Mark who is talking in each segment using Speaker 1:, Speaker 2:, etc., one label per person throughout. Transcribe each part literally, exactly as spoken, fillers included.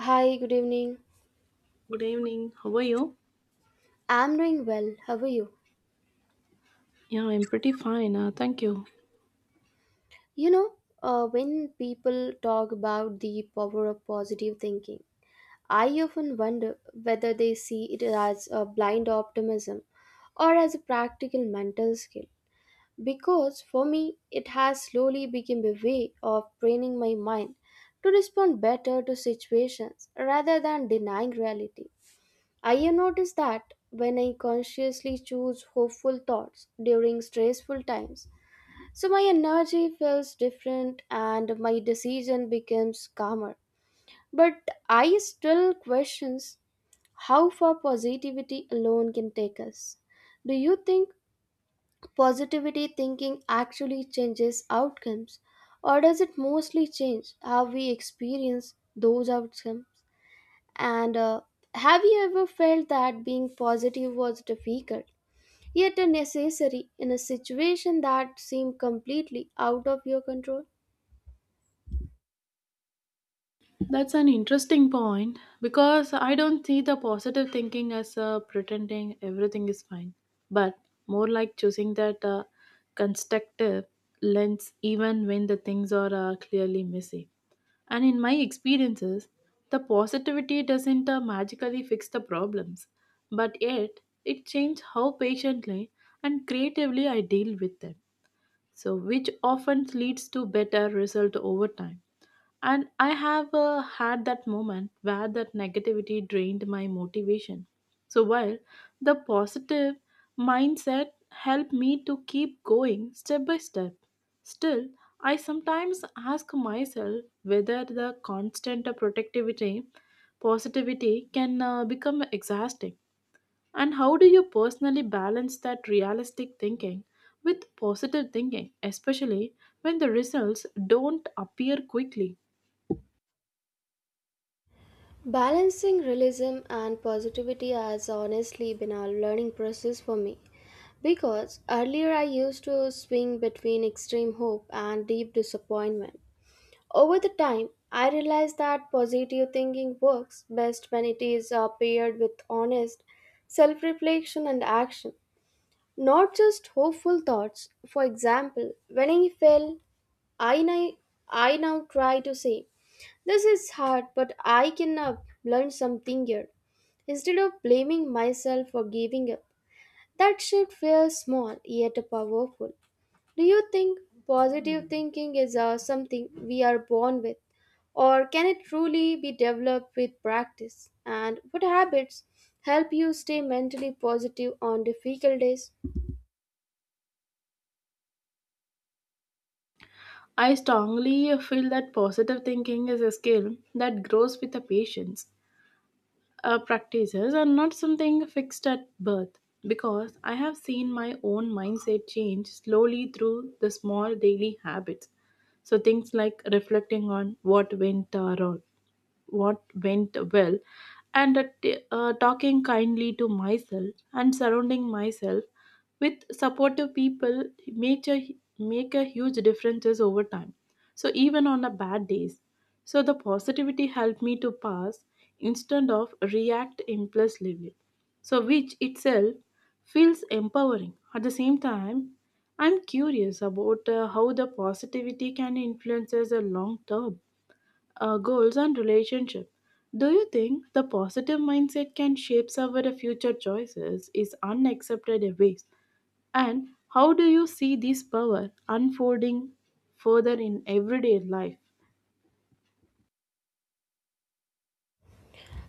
Speaker 1: Hi, good evening.
Speaker 2: Good evening. How are you?
Speaker 1: I'm doing well. How are you?
Speaker 2: Yeah, I'm pretty fine. Uh, thank you.
Speaker 1: You know, uh, when people talk about the power of positive thinking, I often wonder whether they see it as a blind optimism or as a practical mental skill. Because for me, it has slowly become a way of training my mind to respond better to situations rather than denying reality. I have noticed that when I consciously choose hopeful thoughts during stressful times, so my energy feels different and my decision becomes calmer. But I still questions how far positivity alone can take us. Do you think positivity thinking actually changes outcomes, or does it mostly change how we experience those outcomes? And uh, Have you ever felt that being positive was difficult, yet a necessary in a situation that seemed completely out of your control?
Speaker 2: That's an interesting point because I don't see the positive thinking as uh, pretending everything is fine, but more like choosing that uh, constructive lens even when the things are uh, clearly messy. And in my experiences, the positivity doesn't uh, magically fix the problems, but yet it changes how patiently and creatively I deal with them, so which often leads to better result over time. And I have uh, had that moment where that negativity drained my motivation, so while the positive mindset helped me to keep going step by step, still I sometimes ask myself whether the constant protectivity positivity can uh, become exhausting. And how do you personally balance that realistic thinking with positive thinking, especially when the results don't appear quickly?
Speaker 1: Balancing realism and positivity has honestly been a learning process for me because earlier I used to swing between extreme hope and deep disappointment. Over the time, I realized that positive thinking works best when it is uh, paired with honest self reflection and action. Not just hopeful thoughts. For example, when I fell, I now, I now try to say, this is hard, but I can uh, learn something here, instead of blaming myself for giving up. That shift feels small yet powerful. Do you think positive thinking is uh, something we are born with, or can it truly be developed with practice? And what habits help you stay mentally positive on difficult days?
Speaker 2: I strongly feel that positive thinking is a skill that grows with the patience. Uh, practices are not something fixed at birth because I have seen my own mindset change slowly through the small daily habits. So, things like reflecting on what went uh, wrong, what went well, and uh, t- uh, talking kindly to myself and surrounding myself with supportive people make a, make a huge differences over time. So even on a bad days, so the positivity helped me to pass instead of react impulsively, so which itself feels empowering at the same time. I'm curious about uh, how the positivity can influences a long term uh, goals and relationship. Do you think the positive mindset can shape our future choices is unaccepted ways, and how do you see this power unfolding further in everyday life?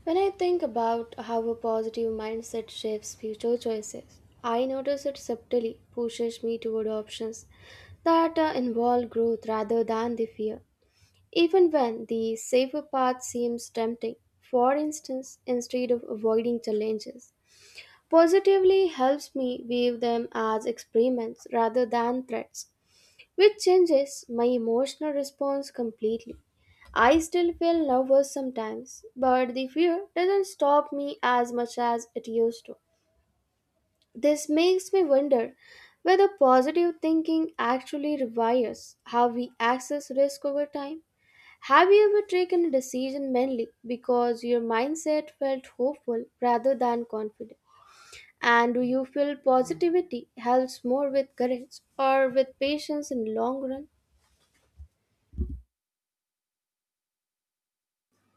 Speaker 1: When I think about how a positive mindset shapes future choices, I notice it subtly pushes me toward options that uh, involve growth rather than the fear. Even when the safer path seems tempting, for instance, instead of avoiding challenges, positively helps me view them as experiments rather than threats, which changes my emotional response completely. I still feel nervous sometimes, but the fear doesn't stop me as much as it used to. This makes me wonder whether positive thinking actually rewires how we access risk over time. Have you ever taken a decision mainly because your mindset felt hopeful rather than confident? And do you feel positivity helps more with courage or with patience in the long run?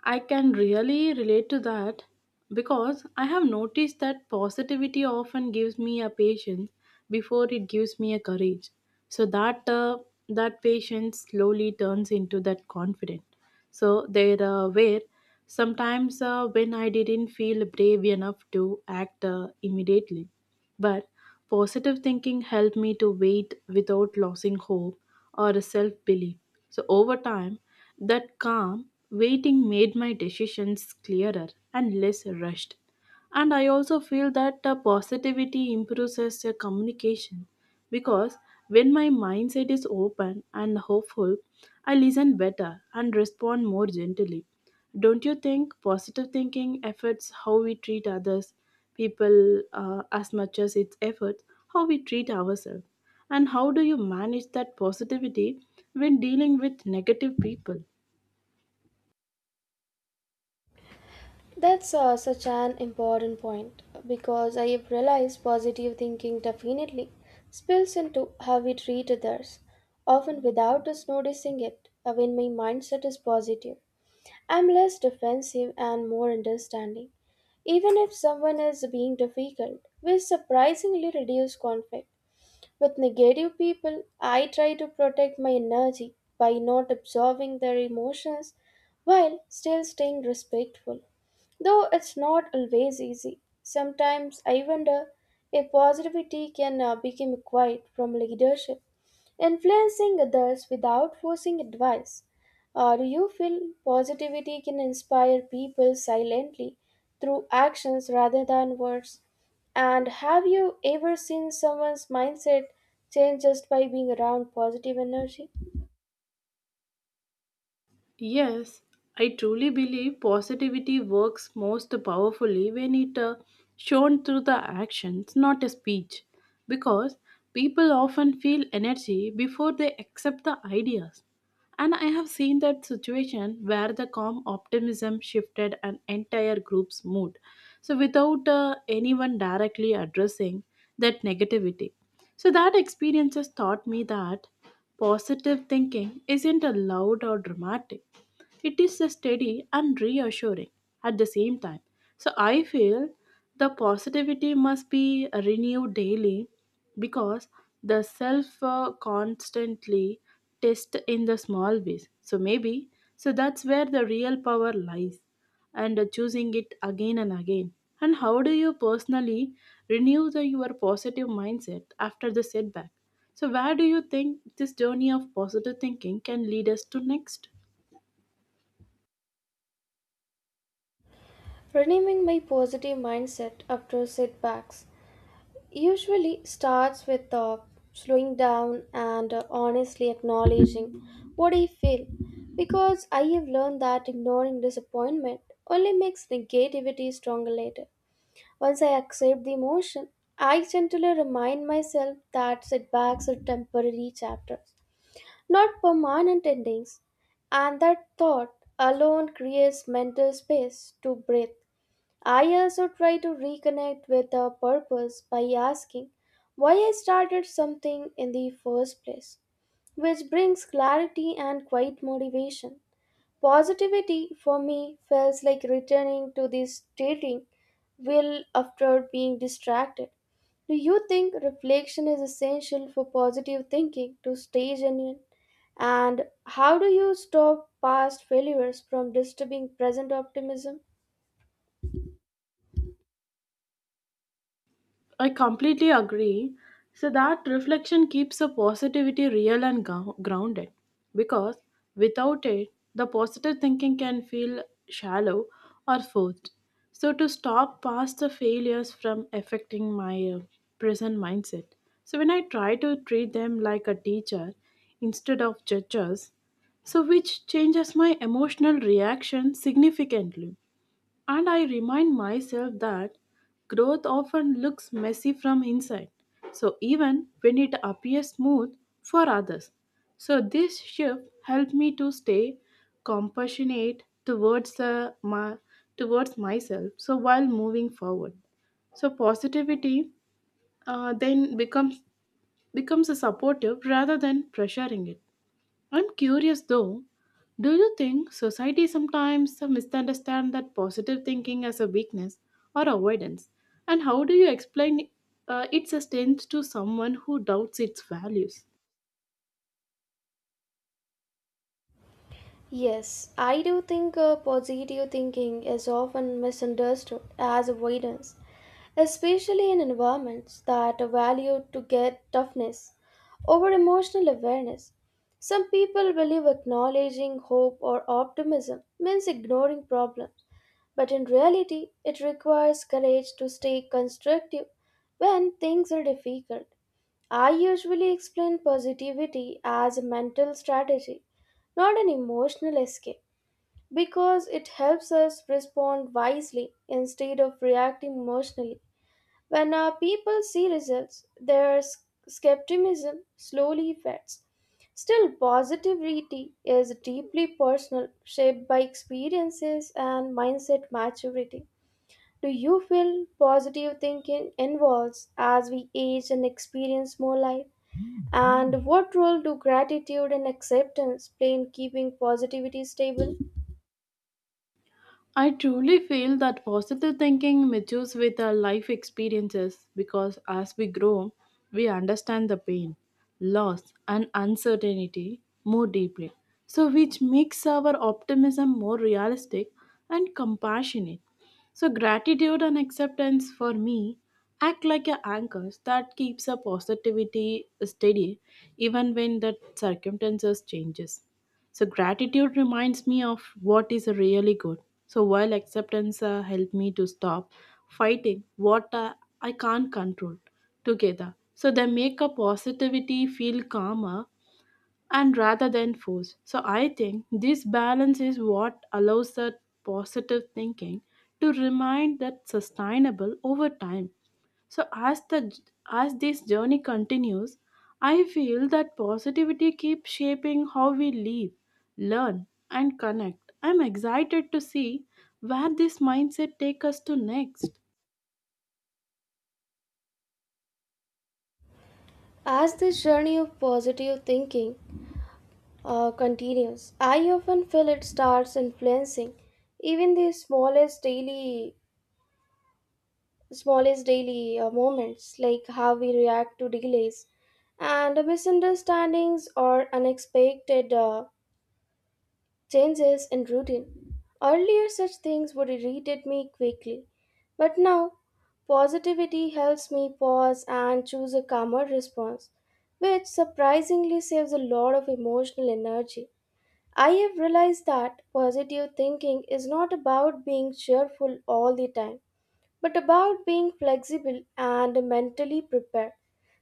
Speaker 2: I can really relate to that because I have noticed that positivity often gives me a patience before it gives me a courage. So that uh, that patience slowly turns into that confidence. So there uh, were sometimes uh, when I didn't feel brave enough to act uh, immediately, but positive thinking helped me to wait without losing hope or self belief. So, over time, that calm waiting made my decisions clearer and less rushed. And I also feel that uh, positivity improves as a communication. Because when my mindset is open and hopeful, I listen better and respond more gently. Don't you think positive thinking affects how we treat others, people, uh, as much as its affects how we treat ourselves? And how do you manage that positivity when dealing with negative people?
Speaker 1: That's uh, such an important point because I have realized positive thinking definitely spills into how we treat others, often without us noticing it. Uh, When my mindset is positive, I'm less defensive and more understanding. Even if someone is being difficult, we surprisingly reduce conflict. With negative people, I try to protect my energy by not absorbing their emotions while still staying respectful. Though it's not always easy, sometimes I wonder if positivity can uh, become acquired from leadership, influencing others without forcing advice. Uh, do you feel positivity can inspire people silently through actions rather than words? And have you ever seen someone's mindset change just by being around positive energy?
Speaker 2: Yes, I truly believe positivity works most powerfully when it uh, shown through the actions, not a speech, because people often feel energy before they accept the ideas. And I have seen that situation where the calm optimism shifted an entire group's mood. So, without uh, anyone directly addressing that negativity. So, that experiences taught me that positive thinking isn't a loud or dramatic. It is a steady and reassuring at the same time. So I feel the positivity must be renewed daily because the self uh, constantly test in the small ways. So maybe so that's where the real power lies and uh, choosing it again and again. And how do you personally renew the, your positive mindset after the setback? So, where do you think this journey of positive thinking can lead us to next?
Speaker 1: Renaming my positive mindset after setbacks usually starts with uh, slowing down and uh, honestly acknowledging what I feel, because I have learned that ignoring disappointment only makes negativity stronger later. Once I accept the emotion, I gently remind myself that setbacks are temporary chapters, not permanent endings. And that thought alone creates mental space to breathe. I also try to reconnect with a purpose by asking why I started something in the first place, which brings clarity and quiet motivation. Positivity for me feels like returning to the stating will after being distracted. Do you think reflection is essential for positive thinking to stay genuine? And how do you stop past failures from disturbing present optimism?
Speaker 2: I completely agree. So, that reflection keeps the positivity real and gou- grounded because without it, the positive thinking can feel shallow or forced. So, to stop past the failures from affecting my uh, present mindset. So, when I try to treat them like a teacher instead of judges, so which changes my emotional reaction significantly. And I remind myself that growth often looks messy from inside, so even when it appears smooth for others. So this shift helped me to stay compassionate towards uh, my, towards myself. So while moving forward, so positivity uh, then becomes becomes a supportive rather than pressuring it. I'm curious though, do you think society sometimes misunderstands that positive thinking as a weakness or avoidance? And how do you explain uh, its sustains to someone who doubts its values?
Speaker 1: Yes, I do think uh, positive thinking is often misunderstood as avoidance, especially in environments that value to get toughness over emotional awareness. Some people believe acknowledging hope or optimism means ignoring problems, but in reality, it requires courage to stay constructive when things are difficult. I usually explain positivity as a mental strategy, not an emotional escape, because it helps us respond wisely instead of reacting emotionally. When uh, people see results, their s- skepticism slowly fades. Still, positivity is deeply personal, shaped by experiences and mindset maturity. Do you feel positive thinking evolves as we age and experience more life? And what role do gratitude and acceptance play in keeping positivity stable?
Speaker 2: I truly feel that positive thinking matures with our life experiences because as we grow, we understand the pain, loss, and uncertainty more deeply. So, which makes our optimism more realistic and compassionate. So, gratitude and acceptance for me act like a anchors that keeps our positivity steady even when the circumstances changes. So gratitude reminds me of what is really good. So while acceptance uh, helped me to stop fighting what uh, I can't control together. So they make a positivity feel calmer and rather than force. So I think this balance is what allows that positive thinking to remain that sustainable over time. So as the as this journey continues, I feel that positivity keeps shaping how we live, learn, and connect. I'm excited to see where this mindset take us to next.
Speaker 1: As this journey of positive thinking uh, continues, I often feel it starts influencing even the smallest daily smallest daily uh, moments, like how we react to delays and misunderstandings or unexpected uh, changes in routine. Earlier such things would irritate me quickly, but now positivity helps me pause and choose a calmer response, which surprisingly saves a lot of emotional energy. I have realized that positive thinking is not about being cheerful all the time, but about being flexible and mentally prepared.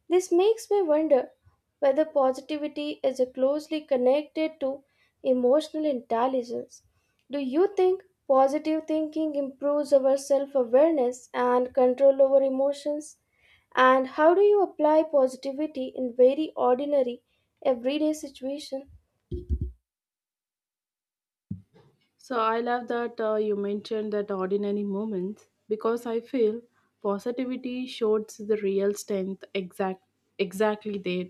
Speaker 1: This makes me wonder whether positivity is closely connected to emotional intelligence. Do you think positive thinking improves our self awareness and control over emotions? And how do you apply positivity in very ordinary, everyday situations?
Speaker 2: So I love that uh, you mentioned that ordinary moments because I feel positivity shows the real strength exact exactly there.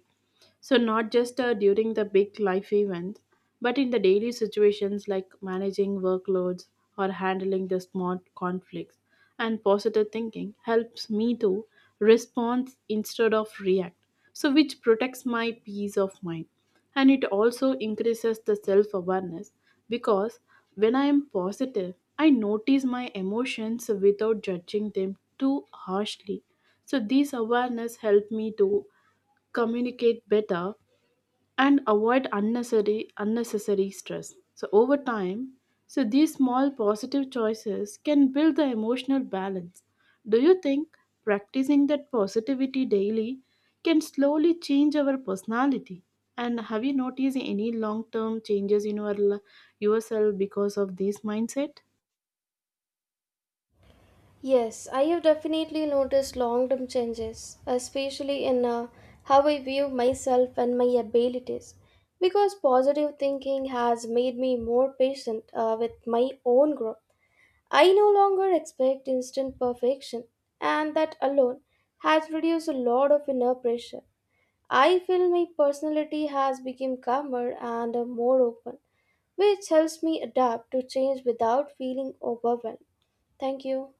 Speaker 2: So, not just uh, during the big life events, but in the daily situations like managing workloads or handling the small conflicts. And positive thinking helps me to respond instead of react, so which protects my peace of mind. And it also increases the self awareness because when I am positive, I notice my emotions without judging them too harshly. So, these awareness help me to communicate better and avoid unnecessary unnecessary stress, so over time, so these small positive choices can build the emotional balance. Do you think practicing that positivity daily can slowly change our personality, and have you noticed any long term changes in your li- yourself because of this mindset?
Speaker 1: Yes, I have definitely noticed long term changes, especially in uh, how I view myself and my abilities. Because positive thinking has made me more patient uh, with my own growth. I no longer expect instant perfection, and that alone has reduced a lot of inner pressure. I feel my personality has become calmer and uh, more open, which helps me adapt to change without feeling overwhelmed. Thank you.